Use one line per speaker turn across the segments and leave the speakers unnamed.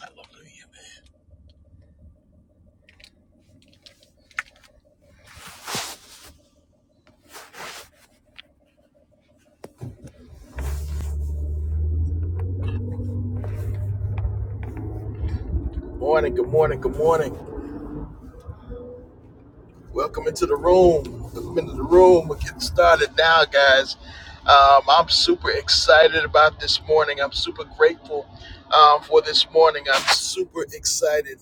Hallelujah. man. Morning, good morning, good morning. Welcome into the room. Welcome into the room. We're getting started now, guys. Um, I'm super excited about this morning. I'm super grateful um, for this morning. I'm super excited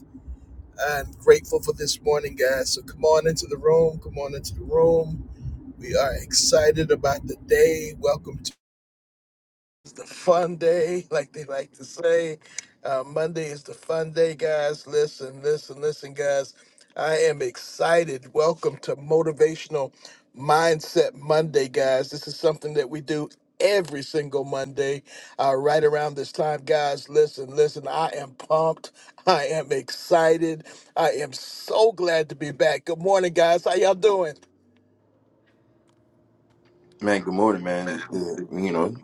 and grateful for this morning, guys. So come on into the room. Come on into the room. We are excited about the day. Welcome the fun day, like they like to say. Uh, Monday is the fun day, guys. Listen, listen, listen, guys. I am excited. Welcome to Motivational Mindset Monday, guys. This is something that we do every single Monday, uh, right around this time, guys. Listen, listen. I am pumped. I am excited. I am so glad to be back. Good morning, guys. How y'all doing?
Man, good morning, man. Uh, you know,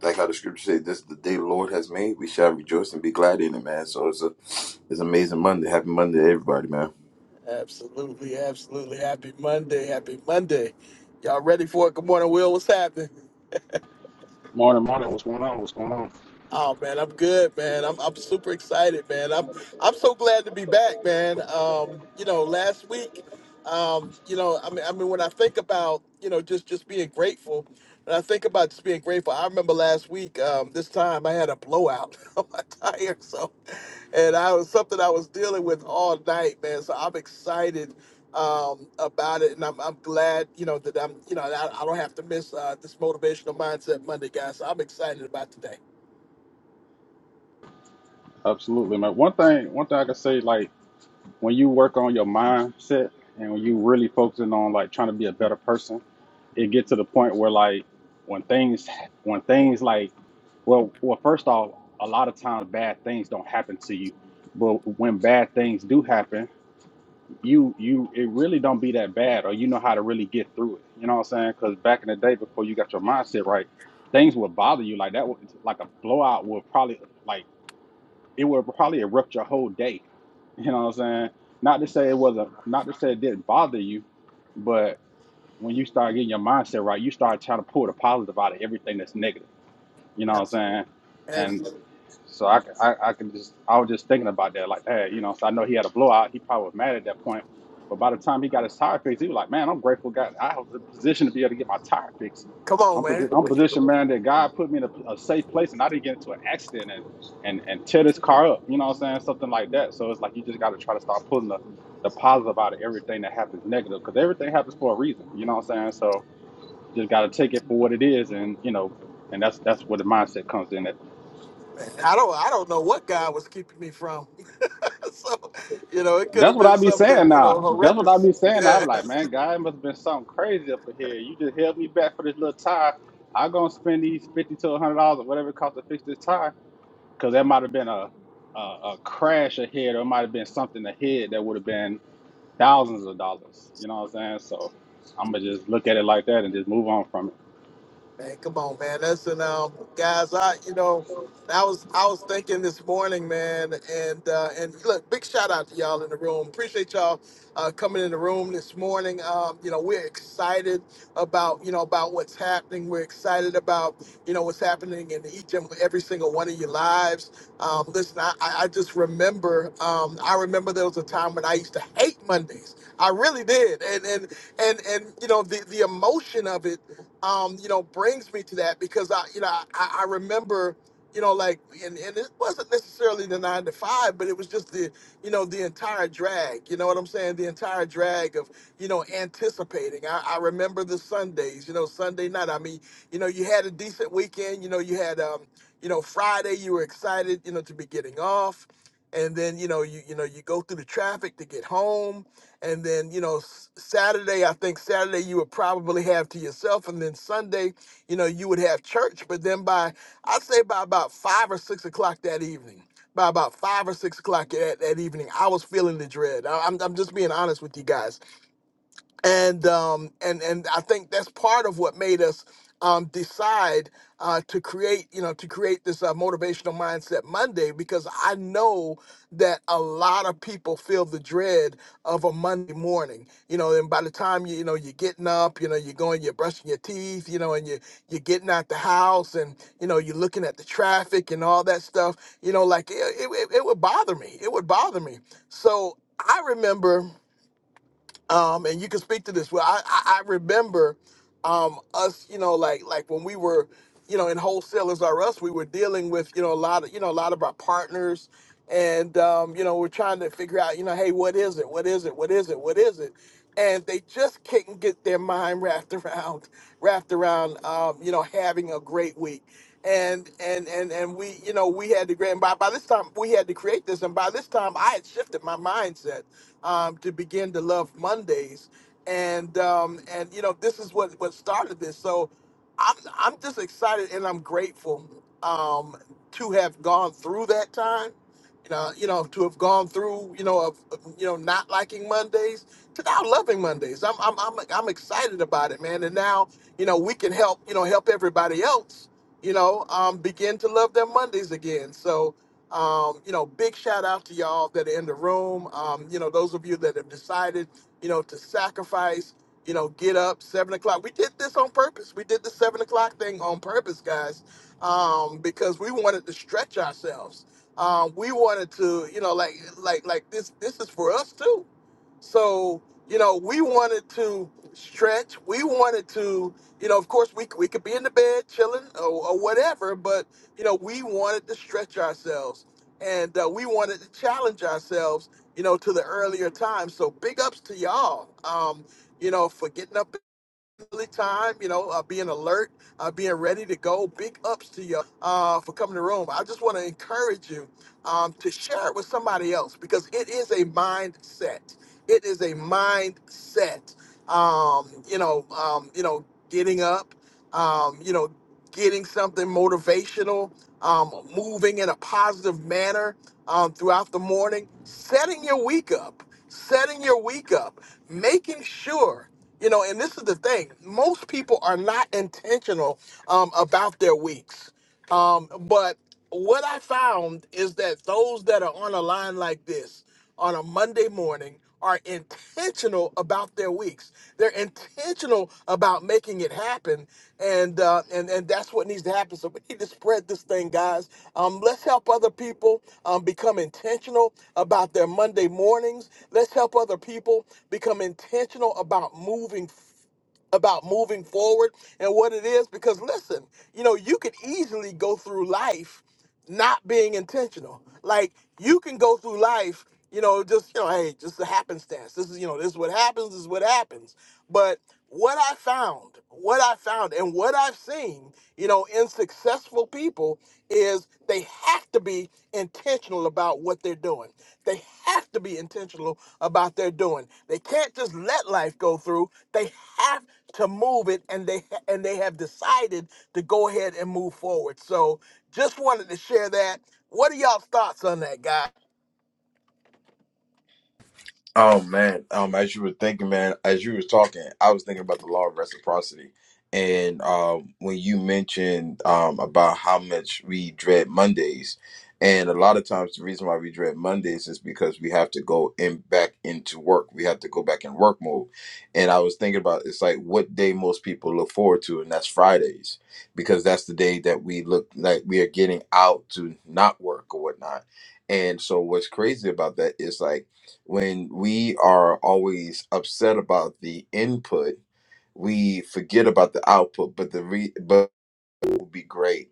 like how the scripture says, "This is the day the Lord has made; we shall rejoice and be glad in it." Man, so it's a it's an amazing Monday. Happy Monday, to everybody, man.
Absolutely, absolutely. Happy Monday, happy Monday. Y'all ready for it? Good morning, Will. What's happening?
Morning, morning. What's going on? What's going on?
Oh man, I'm good, man. I'm I'm super excited, man. I'm I'm so glad to be back, man. Um, you know, last week, um, you know, I mean, I mean, when I think about, you know, just just being grateful, and I think about just being grateful. I remember last week, um, this time I had a blowout on my tire, so, and I was something I was dealing with all night, man. So I'm excited um about it and I'm, I'm glad you know that i'm you know i, I don't have to miss uh this motivational mindset monday guys so i'm excited about today
Absolutely, man. One thing, one thing I can say, like when you work on your mindset and when you really focusing on like trying to be a better person, it get to the point where like when things, when things like, well, well, first off, a lot of times bad things don't happen to you, but when bad things do happen, you you it really don't be that bad, or you know how to really get through it. You know what I'm saying? Because back in the day, before you got your mindset right, things would bother you like that. would Like a blowout would probably like it would probably erupt your whole day. You know what I'm saying? Not to say it wasn't, not to say it didn't bother you, but when you start getting your mindset right, you start trying to pull the positive out of everything that's negative. You know what I'm saying? and.
Absolutely.
So I, I, I can just, I was just thinking about that, like, hey, you know, so I know he had a blowout. He probably was mad at that point. But by the time he got his tire fixed, he was like, man, I'm grateful God, I was in a position to be able to get my tire fixed.
Come on,
I'm,
man.
posi- I'm positioned, man, that God put me in a, a safe place and I didn't get into an accident and, and, and tear this car up, you know what I'm saying? Something like that. So it's like, you just got to try to start pulling the, the positive out of everything that happens negative because everything happens for a reason, you know what I'm saying? So you just got to take it for what it is and, you know, and that's that's where the mindset comes in. at.
I don't I don't know what God was keeping me from. so, you know, it could
That's
have
what
been
I be
something,
saying
you know,
now. That's what I
horrendous.
be saying. now.
Yeah.
I'm like, man, God it must have been something crazy up in here. You just held me back for this little tie. i am gonna spend these fifty to hundred dollars or whatever it costs to fix this tie, because that might have been a, a a crash ahead, or it might have been something ahead that would have been thousands of dollars. You know what I'm saying? So I'm gonna just look at it like that and just move on from it.
Man, come on, man. That's Listen, um, guys, I you know, I was I was thinking this morning, man, and uh, and look, big shout out to y'all in the room. Appreciate y'all uh, coming in the room this morning. Um, you know, we're excited about you know about what's happening. We're excited about you know what's happening in each and every single one of your lives. Um, listen, I, I I just remember um, I remember there was a time when I used to hate Mondays. I really did, and and and and you know the the emotion of it um, you know, brings me to that because I, you know, I, I remember, you know, like, and, and it wasn't necessarily the nine to five, but it was just the, you know, the entire drag, you know what I'm saying? The entire drag of, you know, anticipating. I, I remember the Sundays, you know, Sunday night. I mean, you know, you had a decent weekend, you know, you had, um, you know, Friday, you were excited, you know, to be getting off. And then, you know, you, you know, you go through the traffic to get home and then, you know, s- Saturday, I think Saturday you would probably have to yourself. And then Sunday, you know, you would have church. But then by, I'd say by about five or six o'clock that evening, by about five or six o'clock that, that evening, I was feeling the dread. I, I'm, I'm just being honest with you guys and um, and and I think that's part of what made us um, decide uh, to create, you know, to create this uh, motivational mindset Monday because I know that a lot of people feel the dread of a Monday morning, you know, and by the time you you know you're getting up, you know, you're going, you're brushing your teeth, you know, and you you're getting out the house, and you know, you're looking at the traffic and all that stuff, you know, like it it, it it would bother me, it would bother me. So I remember um, and you can speak to this. Well, I, I, I remember um us you know like like when we were you know in wholesalers are us we were dealing with you know a lot of you know a lot of our partners and um you know we're trying to figure out you know hey what is it what is it what is it what is it and they just couldn't get their mind wrapped around wrapped around um you know having a great week and and and and we you know we had to create and by, by this time we had to create this and by this time i had shifted my mindset um to begin to love mondays and um, and you know this is what what started this. So I'm I'm just excited and I'm grateful um, to have gone through that time. You know, you know, to have gone through, you know, of, of, you know, not liking Mondays to now loving Mondays. I'm, I'm, I'm, I'm excited about it, man. And now, you know, we can help, you know, help everybody else, you know, um, begin to love their Mondays again. So, um, you know, big shout out to y'all that are in the room. Um, you know, those of you that have decided you know, to sacrifice, you know, get up seven o'clock. We did this on purpose. We did the seven o'clock thing on purpose, guys, um, because we wanted to stretch ourselves. Um, we wanted to, you know, like, like, like this. This is for us too so, you know, we wanted to stretch. We wanted to, you know, of course, we, we could be in the bed chilling or, or whatever, but, you know, we wanted to stretch ourselves and uh, we wanted to challenge ourselves, you know, to the earlier time. So big ups to y'all, um, you know, for getting up. Philly time, you know, uh, being alert, uh, being ready to go. Big ups to you uh, for coming to the room. I just want to encourage you um, to share it with somebody else because it is a mindset. It is a mindset. Um, you know, um, you know, getting up. Um, you know, getting something motivational, um, moving in a positive manner um, throughout the morning, setting your week up, setting your week up, making sure. You know, and this is the thing. Most people are not intentional um, about their weeks. Um, but what I found is that those that are on a line like this on a Monday morning are intentional about their weeks. They're intentional about making it happen, and uh, and and that's what needs to happen. So we need to spread this thing, guys. Um, let's help other people um, become intentional about their Monday mornings. Let's help other people become intentional about moving about moving forward and what it is because listen you know you could easily go through life not being intentional like you can go through life you know just you know hey just a happenstance this is you know this is what happens this is what happens but what i found what i found and what i've seen you know in successful successful people is they have to be intentional about what they're doing. They have to be intentional about their doing. They can't just let life go through. They have to move it and they and they have decided to go ahead and move forward. So just wanted to share that. What are y'all thoughts on that, guy?
Oh man, um, as you were thinking, man, as you were talking, I was thinking about the law of reciprocity, and um, when you mentioned um about how much we dread Mondays, and a lot of times the reason why we dread Mondays is because we have to go in back into work, we have to go back in work mode, and I was thinking about it's like what day most people look forward to, and that's Fridays, because that's the day that we look like we are getting out to not work or whatnot, and so what's crazy about that is like. When we are always upset about the input, we forget about the output. But the re but will be great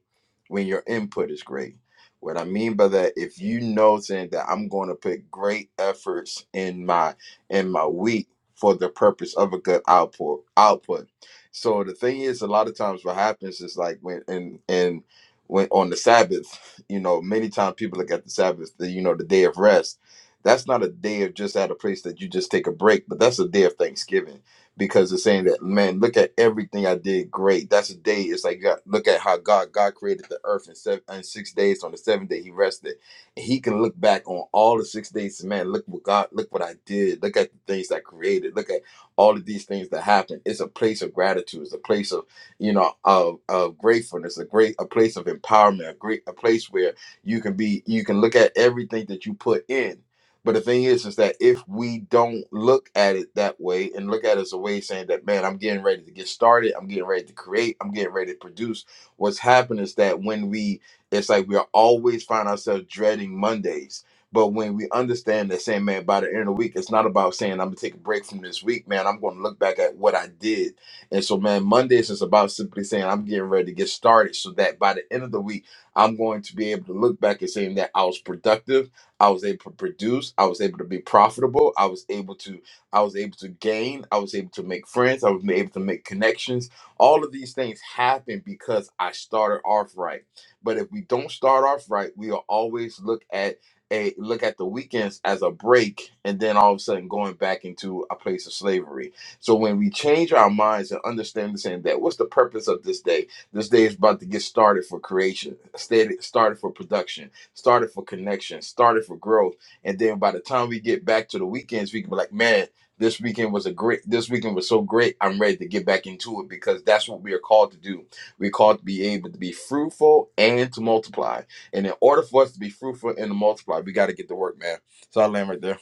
when your input is great. What I mean by that, if you know saying that I'm going to put great efforts in my in my week for the purpose of a good output output. So the thing is, a lot of times what happens is like when and and when on the Sabbath, you know, many times people look at the Sabbath, the, you know, the day of rest. That's not a day of just at a place that you just take a break, but that's a day of Thanksgiving because it's saying that man look at everything i did great that's a day it's like God, look at how god god created the earth in seven in six days So on the seventh day he rested and he can look back on all the six days and, man look what god look what i did look at the things i created look at all of these things that happened it's a place of gratitude it's a place of you know of, of gratefulness a great a place of empowerment a great a place where you can be you can look at everything that you put in but the thing is, is that if we don't look at it that way and look at it as a way saying that, man, I'm getting ready to get started, I'm getting ready to create, I'm getting ready to produce, what's happened is that when we, it's like we are always find ourselves dreading Mondays. But when we understand that saying, man, by the end of the week, it's not about saying, I'm going to take a break from this week, man, I'm going to look back at what I did. And so, man, Mondays is about simply saying, I'm getting ready to get started so that by the end of the week, I'm going to be able to look back and saying that I was productive I was able to produce. I was able to be profitable. I was able to I was able to gain. I was able to make friends. I was able to make connections. All of these things happen because I started off right. But if we don't start off right, we'll always look at a look at the weekends as a break and then all of a sudden going back into a place of slavery. So when we change our minds and understand the saying that what's the purpose of this day? This day is about to get started for creation, started started for production started for connection, started for growth. And then by the time we get back to the weekends, we can be like, man, this weekend was a great, this weekend was so great. I'm ready to get back into it because that's what we are called to do. We're called to be able to be fruitful and to multiply. And in order for us to be fruitful and to multiply, we got to get to work, man. So I land right there.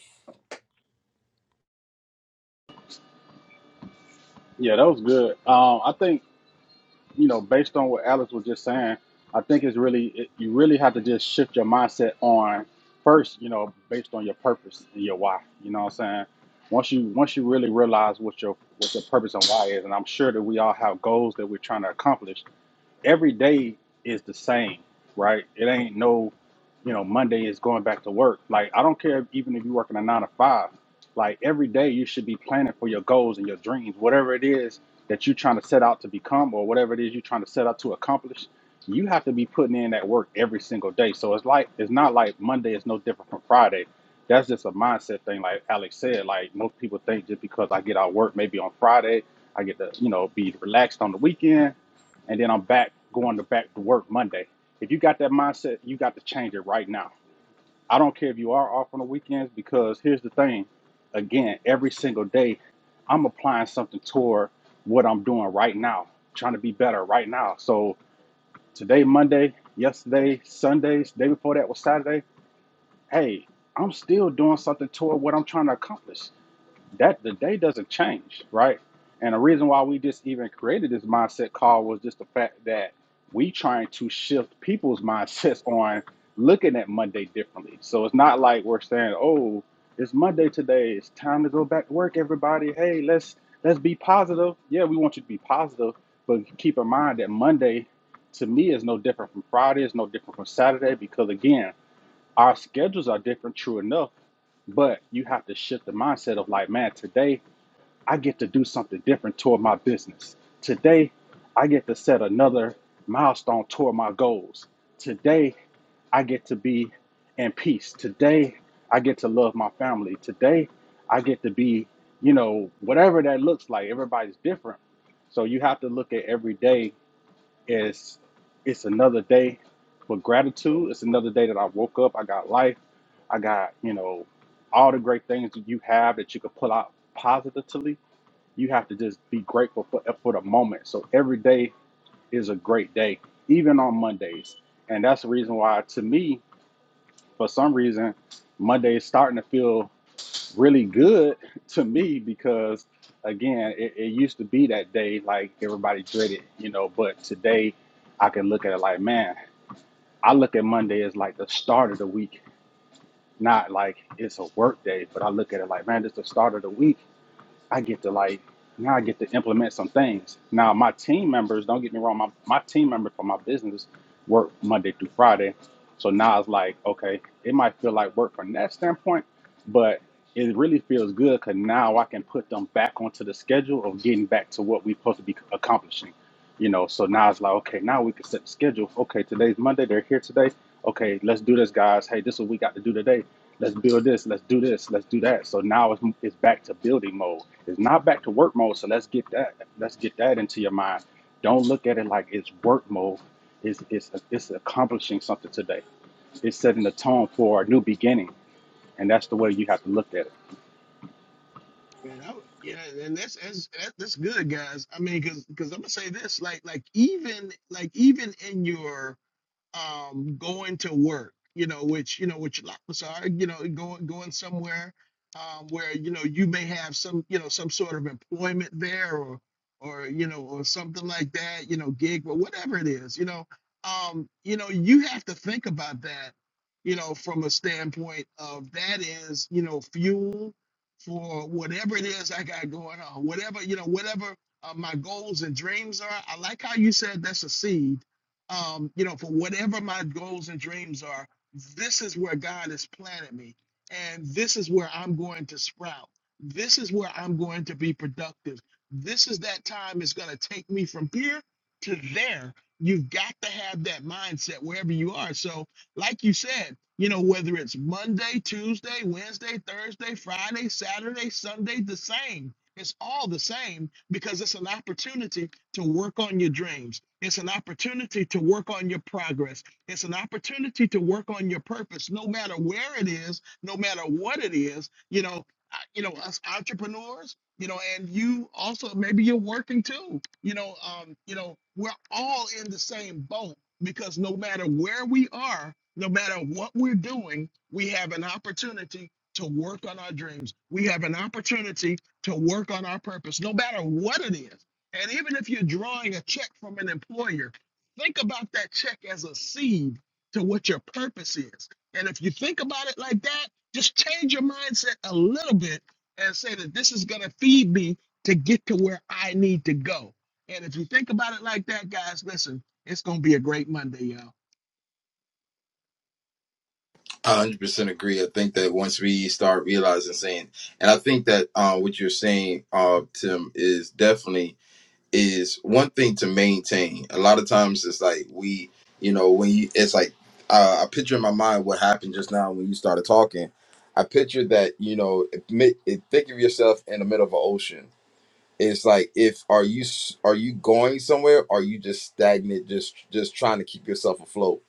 Yeah, that was good. Um, I think you know, based on what Alex was just saying, I think it's really it, you really have to just shift your mindset on first, you know, based on your purpose and your why. You know what I'm saying? Once you once you really realize what your what your purpose and why is, and I'm sure that we all have goals that we're trying to accomplish, every day is the same, right? It ain't no, you know, Monday is going back to work. Like I don't care if, even if you're working a nine to five. Like every day you should be planning for your goals and your dreams, whatever it is that you're trying to set out to become or whatever it is you're trying to set out to accomplish. You have to be putting in that work every single day. So it's like it's not like Monday is no different from Friday. That's just a mindset thing, like Alex said. Like most people think just because I get out of work maybe on Friday, I get to, you know, be relaxed on the weekend and then I'm back going to back to work Monday. If you got that mindset, you got to change it right now. I don't care if you are off on the weekends because here's the thing. Again, every single day, I'm applying something toward what I'm doing right now, trying to be better right now. So today, Monday, yesterday, Sundays, day before that was Saturday. Hey, I'm still doing something toward what I'm trying to accomplish that the day doesn't change, right? And the reason why we just even created this mindset call was just the fact that we trying to shift people's mindsets on looking at Monday differently. So it's not like we're saying, "Oh, it's Monday today. It's time to go back to work, everybody. Hey, let's let's be positive." Yeah, we want you to be positive, but keep in mind that Monday to me is no different from Friday, It's no different from Saturday because again, our schedules are different true enough, but you have to shift the mindset of like, "Man, today I get to do something different toward my business. Today, I get to set another milestone toward my goals. Today, I get to be in peace. Today, I get to love my family. Today, I get to be, you know, whatever that looks like. Everybody's different. So you have to look at every day as it's another day with gratitude. It's another day that I woke up. I got life. I got, you know, all the great things that you have that you can pull out positively you have to just be grateful for for the moment. So every day is a great day, even on Mondays. And that's the reason why, to me, for some reason, Monday is starting to feel really good to me because, again, it, it used to be that day like everybody dreaded, you know. But today, I can look at it like, man, I look at Monday as like the start of the week, not like it's a work day. But I look at it like, man, it's the start of the week I get to like now I get to implement some things. Now my team members, don't get me wrong, my, my team members for my business work Monday through Friday. So now it's like, okay, it might feel like work from that standpoint, but it really feels good because now I can put them back onto the schedule of getting back to what we're supposed to be accomplishing. You know, so now it's like, okay, now we can set the schedule. Okay, today's Monday, they're here today. Okay, let's do this, guys. Hey, this is what we got to do today let's build this, let's do this, let's do that. So now it's, it's back to building mode. It's not back to work mode. So let's get that let's get that into your mind. Don't look at it like it's work mode. It's it's it's accomplishing something today. It's setting the tone for a new beginning, and that's the way you have to look at it.
Man, I, yeah, and that's, that's that- that's good, guys. I mean, because because I'm gonna say this, like like even like even in your um, going to work, you know, which, you know, which lots are, you know, going going somewhere um, where, you know, you may have some, you know, some sort of employment there or or, you know, or something like that, you know, gig but whatever it is, you know, um, you know, you have to think about that, you know, from a standpoint of that is, you know, fuel for whatever it is I got going on, whatever, you know, whatever uh, my goals and dreams are. I like how you said that's a seed um, you know, for whatever my goals and dreams are, this is where God has planted me. And this is where I'm going to sprout. This is where I'm going to be productive. This is that time it's going to take me from here to there. You've got to have that mindset wherever you are. So, like you said, you know, whether it's Monday, Tuesday, Wednesday, Thursday, Friday, Saturday, Sunday, the same. It's all the same because it's an opportunity to work on your dreams. It's an opportunity to work on your progress. It's an opportunity to work on your purpose, no matter where it is, no matter what it is. You know, I- you know, us entrepreneurs, you know, and you also maybe you're working too. You know, um, you know, we're all in the same boat because no matter where we are, no matter what we're doing, we have an opportunity to work on our dreams. We have an opportunity to work on our purpose, no matter what it is and even if you're drawing a check from an employer, think about that check as a seed to what your purpose is. And if you think about it like that, just change your mindset a little bit and say that this is going to feed me to get to where I need to go. And if you think about it like that, guys, listen, it's going to be a great Monday, y'all.
I 100% agree. I think that once we start realizing saying, and I think that uh, what you're saying, uh, Tim, is definitely is one thing to maintain. A lot of times it's like we, you know, when you, it's like uh, I picture in my mind what happened just now when you started talking. I picture that, you know, admit, it, think of yourself in the middle of an ocean. It's like if are you s- are you going somewhere? are you just stagnant, just just trying to keep yourself afloat?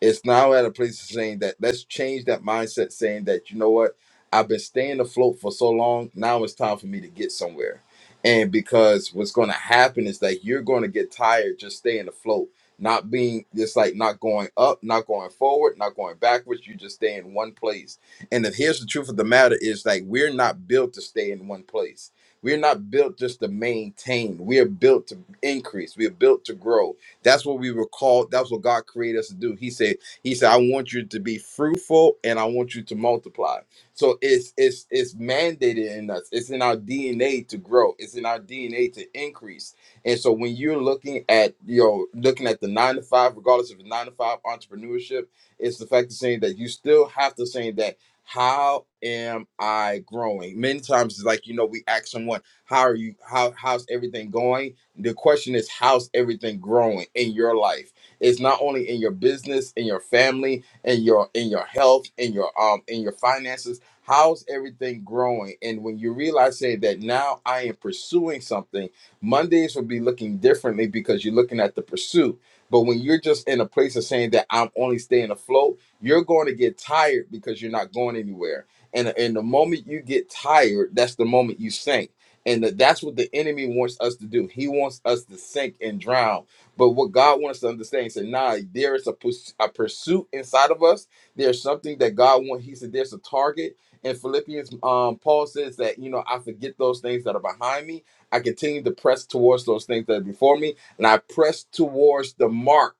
it's now at a place of saying that let's change that mindset saying that you know what i've been staying afloat for so long now it's time for me to get somewhere and because what's going to happen is that you're going to get tired just staying afloat not being just like not going up not going forward not going backwards you just stay in one place and if here's the truth of the matter is like we're not built to stay in one place we're not built just to maintain we are built to increase we are built to grow that's what we were called. That's what God created us to do. He said, He said, I want you to be fruitful and I want you to multiply. So it's it's it's mandated in us. It's in our DNA to grow. It's in our DNA to increase. And so when you're looking at you know looking at the nine to five, regardless of the nine to five entrepreneurship, it's the fact of saying that you still have to say that how am I growing? Many times it's like you know we ask someone how are you how how's everything going the question is, how's everything growing in your life? It's not only in your business, in your family, in your in your health, in your um in your finances. How's everything growing? And when you realize say that now I am pursuing something, Mondays will be looking differently because you're looking at the pursuit. But when you're just in a place of saying that I'm only staying afloat, you're going to get tired because you're not going anywhere. And, and the moment you get tired, that's the moment you sink and that that's what the enemy wants us to do. He wants us to sink and drown. But what God wants us to understand, he said, "Nah, there is a, pus- a pursuit inside of us. There's something that God wants." He said, "There's a target." In Philippians, um, Paul says that you know, I forget those things that are behind me. I continue to press towards those things that are before me, and I press towards the mark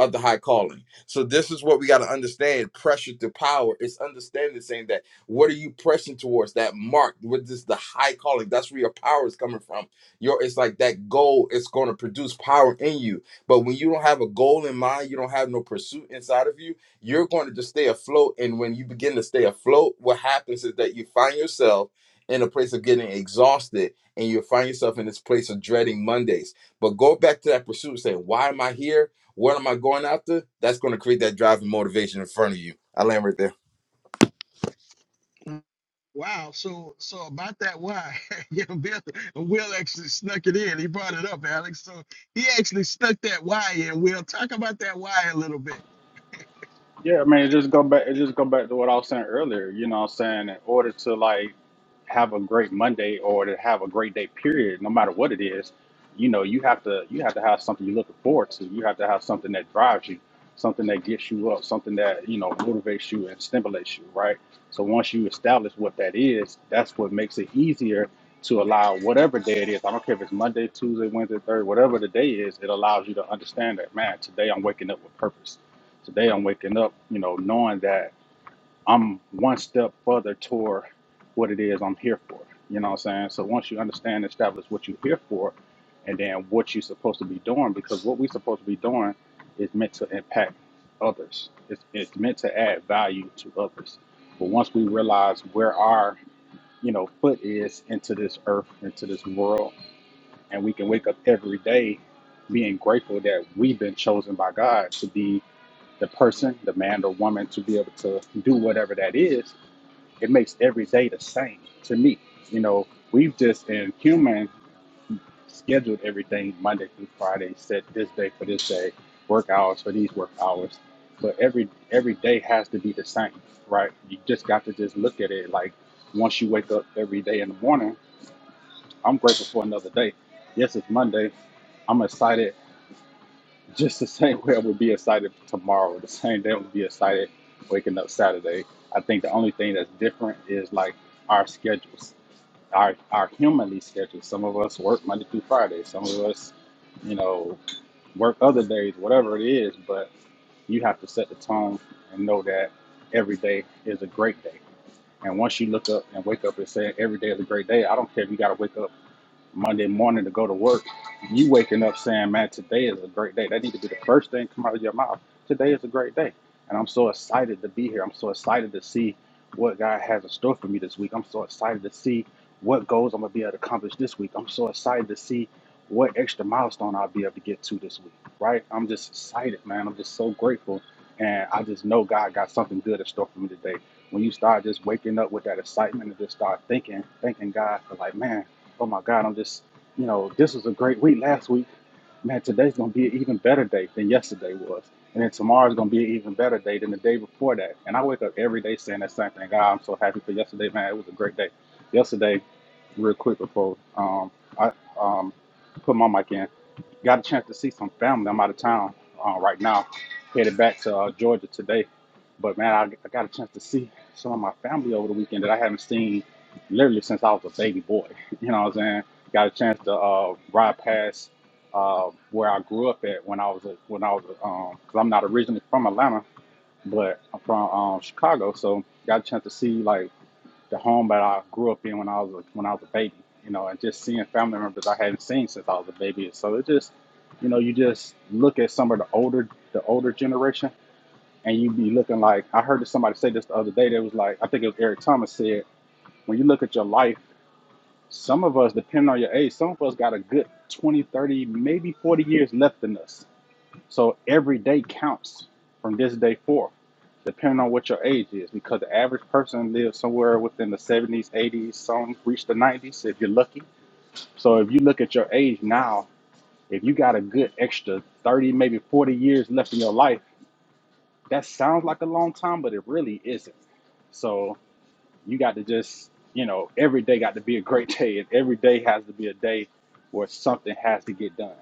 of the high calling. So this is what we got to understand: pressure to power. It's understanding saying that. What are you pressing towards? That mark, what is the high calling? That's where your power is coming from. Your it's like that goal is going to produce power in you. But when you don't have a goal in mind, you don't have no pursuit inside of you, you're going to just stay afloat. And when you begin to stay afloat, what happens is that you find yourself in a place of getting exhausted and you find yourself in this place of dreading Mondays. But go back to that pursuit and say, why am I here? What am I going after? That's going to create that drive and motivation in front of you. I land right there.
Wow. So, so about that, why? yeah, Bill, Will actually snuck it in. He brought it up, Alex. So he actually snuck that why in. We'll talk about that why a little bit.
Yeah, I mean, it just go back. It just go back to what I was saying earlier. You know, what I'm saying in order to like have a great Monday or to have a great day, period, no matter what it is, you know, you have to you have to have something you're looking forward to. You have to have something that drives you, something that gets you up, something that you know motivates you and stimulates you, right? So once you establish what that is, that's what makes it easier to allow whatever day it is. I don't care if it's Monday, Tuesday, Wednesday, Thursday, whatever the day is. It allows you to understand that, man, today I'm waking up with purpose Today I'm waking up, you know, knowing that I'm one step further toward what it is I'm here for. You know what I'm saying? So once you understand and establish what you're here for and then what you're supposed to be doing, because what we're supposed to be doing is meant to impact others. It's, it's meant to add value to others. But once we realize where our, you know, foot is into this earth, into this world, and we can wake up every day being grateful that we've been chosen by God to be the person, the man or woman, to be able to do whatever that is, it makes every day the same to me. You know, we've just in human scheduled everything Monday through Friday, set this day for this day, work hours for these work hours. But every every day has to be the same, right? You just got to just look at it like once you wake up every day in the morning, I'm grateful for another day. Yes, it's Monday. I'm excited just the same way I would be excited tomorrow, the same day I would be excited waking up Saturday. I think the only thing that's different is like our schedules, our our humanly schedules. Some of us work Monday through Friday. Some of us, you know, work other days, whatever it is. But you have to set the tone and know that every day is a great day. And once you look up and wake up and say every day is a great day, I don't care if you got to wake up Monday morning to go to work, you waking up saying, "Man, today is a great day." That need to be the first thing come out of your mouth. Today is a great day, and I'm so excited to be here. I'm so excited to see what God has in store for me this week. I'm so excited to see what goals I'm gonna be able to accomplish this week. I'm so excited to see what extra milestone I'll be able to get to this week. Right? I'm just excited, man. I'm just so grateful, and I just know God got something good in store for me today. When you start just waking up with that excitement and just start thinking, thanking God for like, man. Oh my God, I'm just, you know, this was a great week last week. Man, today's gonna be an even better day than yesterday was. And then tomorrow's gonna be an even better day than the day before that. And I wake up every day saying that same thing. God, I'm so happy for yesterday, man. It was a great day. Yesterday, real quick before um, I um, put my mic in, Got a chance to see some family. I'm out of town uh, right now, headed back to uh, Georgia today. But man, I, I got a chance to see some of my family over the weekend that I haven't seen literally since I was a baby boy. You know what I'm saying? Got a chance to uh, ride past uh, where I grew up at when I was a, when I was because I'm not originally from Atlanta, but I'm from um, Chicago. So got a chance to see like the home that I grew up in when I was a, when I was a baby, you know, and just seeing family members I hadn't seen since I was a baby. So it just, you know, you just look at some of the older the older generation, and you be looking like I heard somebody say this the other day. That was like I think it was Eric Thomas said when you look at your life, some of us depending on your age, some of us got a good 20, 30, maybe 40 years left in us so every day counts from this day forth, depending on what your age is, because the average person lives somewhere within the 70s, 80s, some reach the 90s if you're lucky. So if you look at your age now, if you got a good extra 30, maybe 40 years left in your life, that sounds like a long time, but it really isn't. So you got to just, you know, every day got to be a great day, and every day has to be a day where something has to get done.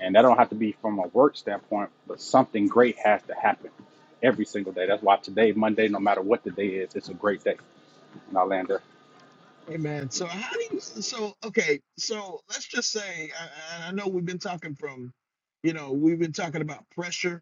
And that don't have to be from a work standpoint, but something great has to happen every single day. That's why today, Monday, no matter what the day is, it's a great day in Orlando.
Amen. So how do you? So okay. So let's just say, I, I I know we've been talking from, you know, we've been talking about pressure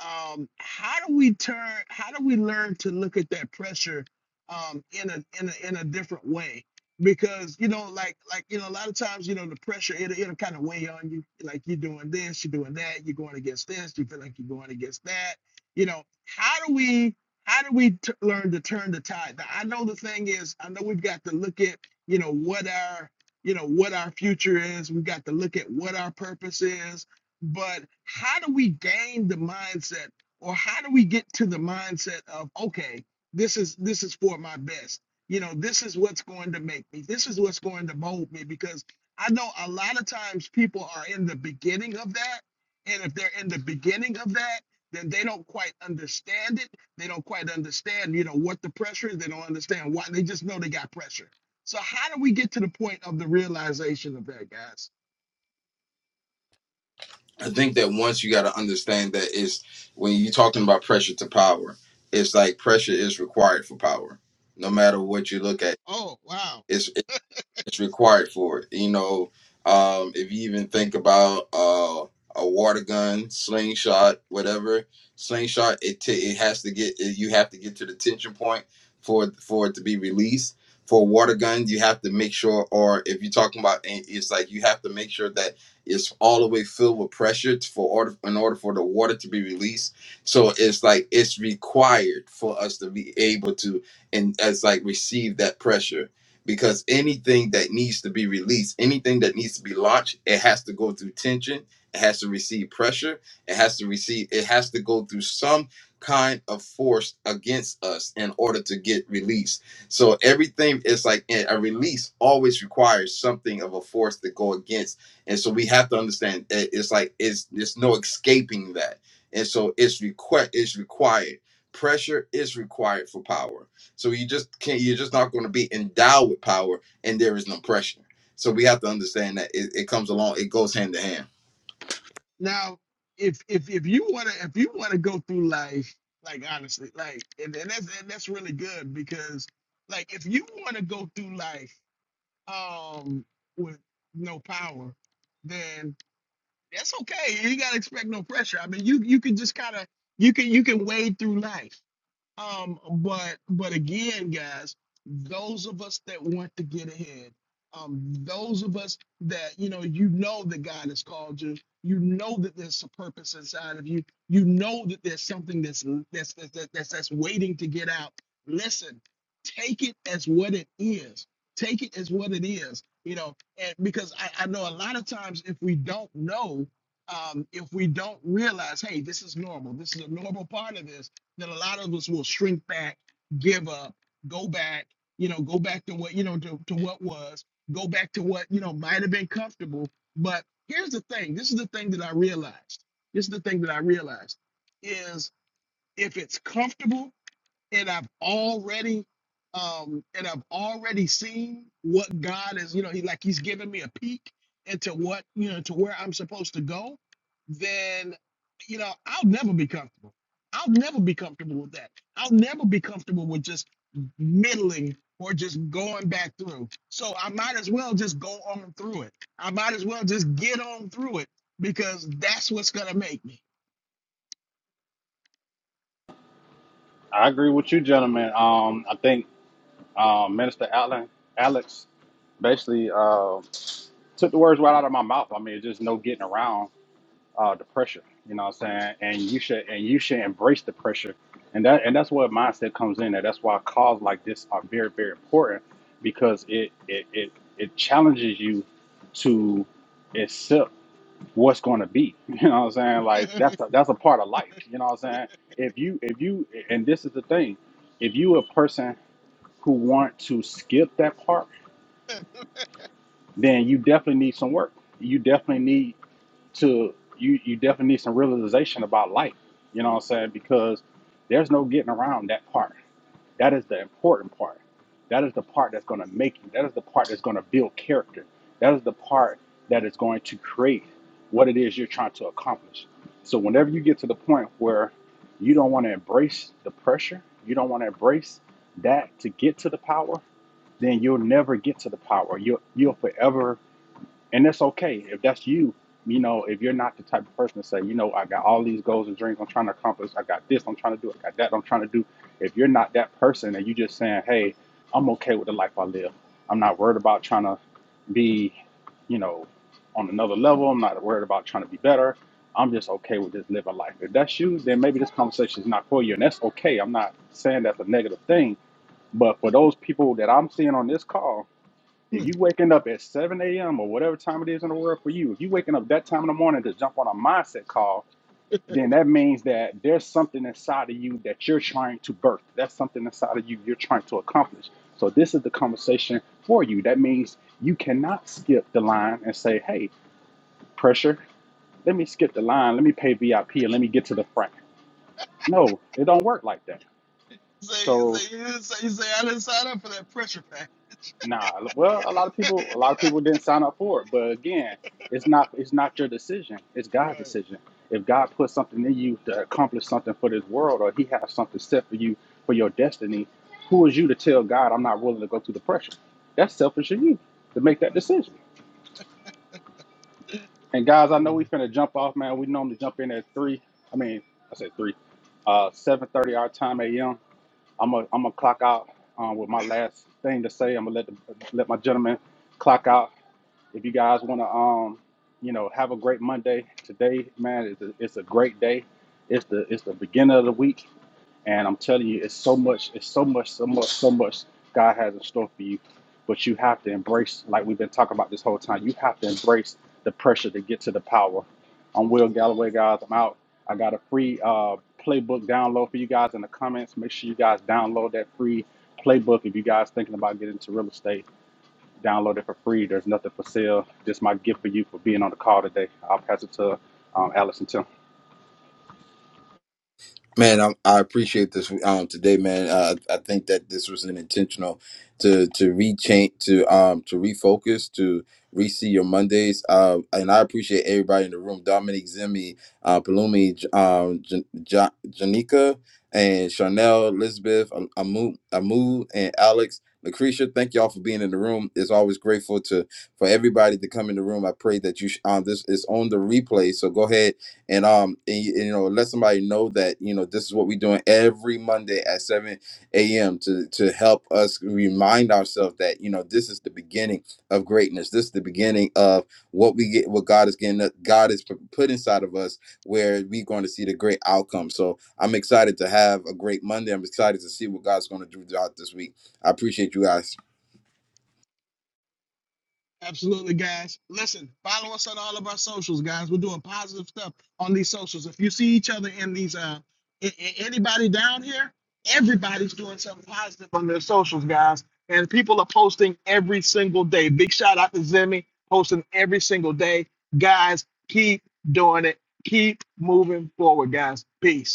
um, how do we turn how do we learn to look at that pressure um, in a in a in a different way because you know like like you know a lot of times you know the pressure it'll, it'll kind of weigh on you like you're doing this you're doing that you're going against this you feel like you're going against that you know how do we how do we t- learn to turn the tide now, i know the thing is i know we've got to look at you know what our you know what our future is we've got to look at what our purpose is but how do we gain the mindset or how do we get to the mindset of okay this is this is for my best you know this is what's going to make me this is what's going to mold me because i know a lot of times people are in the beginning of that and if they're in the beginning of that then they don't quite understand it they don't quite understand you know what the pressure is they don't understand why they just know they got pressure so how do we get to the point of the realization of that guys
I think that once you got to understand that it's when you're talking about pressure to power, it's like pressure is required for power. No matter what you look at,
oh wow
it's required for it. You know, um, if you even think about uh, a water gun, slingshot, whatever slingshot, it t- it has to get it, you have to get to the tension point for it- for it to be released. For a water gun, you have to make sure, or if you're talking about, and it's like you have to make sure that it's all the way filled with pressure t- for order in order for the water to be released. So it's like it's required for us to be able to and as like receive that pressure because anything that needs to be released, anything that needs to be launched, it has to go through tension, it has to receive pressure, it has to receive, it has to go through some kind of force against us in order to get released. So everything is like eh, a release always requires something of a force to go against. And so we have to understand eh, it's like it's there's no escaping that. And so it's requ- it's required. Pressure is required for power so you just can't. You're just not going to be endowed with power, and there is no pressure. So we have to understand that it, it comes along. It goes hand to hand.
Now, if if if you wanna if you wanna go through life, like honestly, like and, and that's and that's really good because like if you wanna go through life um with no power, then that's okay. You gotta expect no pressure. I mean you you can just kinda you can you can wade through life. Um, but but again, guys, those of us that want to get ahead, um, those of us that you know, you know that God has called you, you know that there's a purpose inside of you, you know that there's something that's that's that's that's, that's, that's waiting to get out. Listen, take it as what it is. Take it as what it is, you know, and because I, I know a lot of times if we don't know, um, if we don't realize, hey, this is normal, this is a normal part of this, that a lot of us will shrink back, give up, go back, you know, go back to what, you know, to, to what was, go back to what, you know, might have been comfortable. But here's the thing this is the thing that I realized. This is the thing that I realized is if it's comfortable, and I've already um and I've already seen what God is, you know, he like he's giving me a peek into what, you know, to where I'm supposed to go, then you know, I'll never be comfortable. I'll never be comfortable with that. I'll never be comfortable with just middling or just going back through. So I might as well just go on through it. I might as well just get on through it because that's what's gonna make me.
I agree with you, gentlemen. Um, I think um, Minister Allen, Alex basically uh, took the words right out of my mouth. I mean, it's just no getting around uh, the pressure. You know what I'm saying? And you should and you should embrace the pressure. And that and that's where mindset comes in. And that's why calls like this are very, very important because it it it, it challenges you to accept what's gonna be. You know what I'm saying? Like that's a, that's a part of life. You know what I'm saying? If you if you and this is the thing, if you a person who want to skip that part, then you definitely need some work. You definitely need to you you definitely need some realization about life you know what i'm saying because there's no getting around that part that is the important part that is the part that's going to make you that is the part that's going to build character that is the part that is going to create what it is you're trying to accomplish so whenever you get to the point where you don't want to embrace the pressure you don't want to embrace that to get to the power then you'll never get to the power you'll, you'll forever and that's okay if that's you you know if you're not the type of person to say you know i got all these goals and dreams i'm trying to accomplish i got this i'm trying to do i got that i'm trying to do if you're not that person and you just saying hey i'm okay with the life i live i'm not worried about trying to be you know on another level i'm not worried about trying to be better i'm just okay with just living life if that's you then maybe this conversation is not for you and that's okay i'm not saying that's a negative thing but for those people that i'm seeing on this call if you waking up at 7 a.m. or whatever time it is in the world for you, if you waking up that time in the morning to jump on a mindset call, then that means that there's something inside of you that you're trying to birth. That's something inside of you you're trying to accomplish. So this is the conversation for you. That means you cannot skip the line and say, hey, pressure, let me skip the line, let me pay VIP, and let me get to the front. No, it don't work like that.
Say,
So
say, you didn't say, you say, I didn't sign up for that pressure pack.
Nah, well, a lot of people, a lot of people didn't sign up for it. But again, it's not, it's not your decision. It's
Right,
God's decision. If God puts something in you to accomplish something for this world, or He has something set for you for your destiny, who is you to tell God I'm not willing to go through the pressure? That's selfish of you to make that
hundred
decision.
percent.
And guys, I know
Anyway,
we finna jump off, man. We normally jump in at three. I mean, I said three, uh, seven thirty our time a.m. I'm a, I'm gonna clock out um, with my last thing to say. I'm gonna let the, let my gentleman clock out if you guys want to, um, you know, have a great Monday today, man. It's a, it's a great day. It's the it's the beginning of the week, and I'm telling you, it's so much, it's so much, so much, so much God has in store for you. But you have to embrace, like we've been talking about this whole time. You have to embrace the pressure to get to the power. I'm Will Galloway, guys. I'm out. I got a free uh, playbook download for you guys in the comments. Make sure you guys download that free playbook if you guys thinking about getting into real estate Download it for free. There's nothing for sale. Just my gift for you for being on the call today. I'll pass it to um, Alex and Tim.
Man, I, I appreciate this um, today, man. Uh, I think that this was an intentional to to rechange, to um, to refocus, to re-see your Mondays. Uh, and I appreciate everybody in the room: Dominic, Zimmy, uh, Palumi, J- um, J- J- Janika, and Chanel, Elizabeth, Am- Amu, Amu, and Alex, Lucretia. Thank y'all for being in the room. It's always grateful to for everybody to come in the room. I pray that you sh- um, this is on the replay, so go ahead and um and, you you know let somebody know that you know this is what we're doing every monday at 7 a.m to to help us remind ourselves that you know this is the beginning of greatness this is the beginning of what we get what god is getting god is pu- put inside of us where we're going to see the great outcome so i'm excited to have a great monday i'm excited to see what god's going to do throughout this week i appreciate you guys
Absolutely, guys. Listen, follow us on all of our socials, guys. We're doing positive stuff on these socials. If you see each other in these, uh, a- a- anybody down here, everybody's doing something positive on their socials, guys. And people are posting every single day. Big shout out to Zimmy posting every single day, guys. Keep doing it. Keep moving forward, guys. Peace.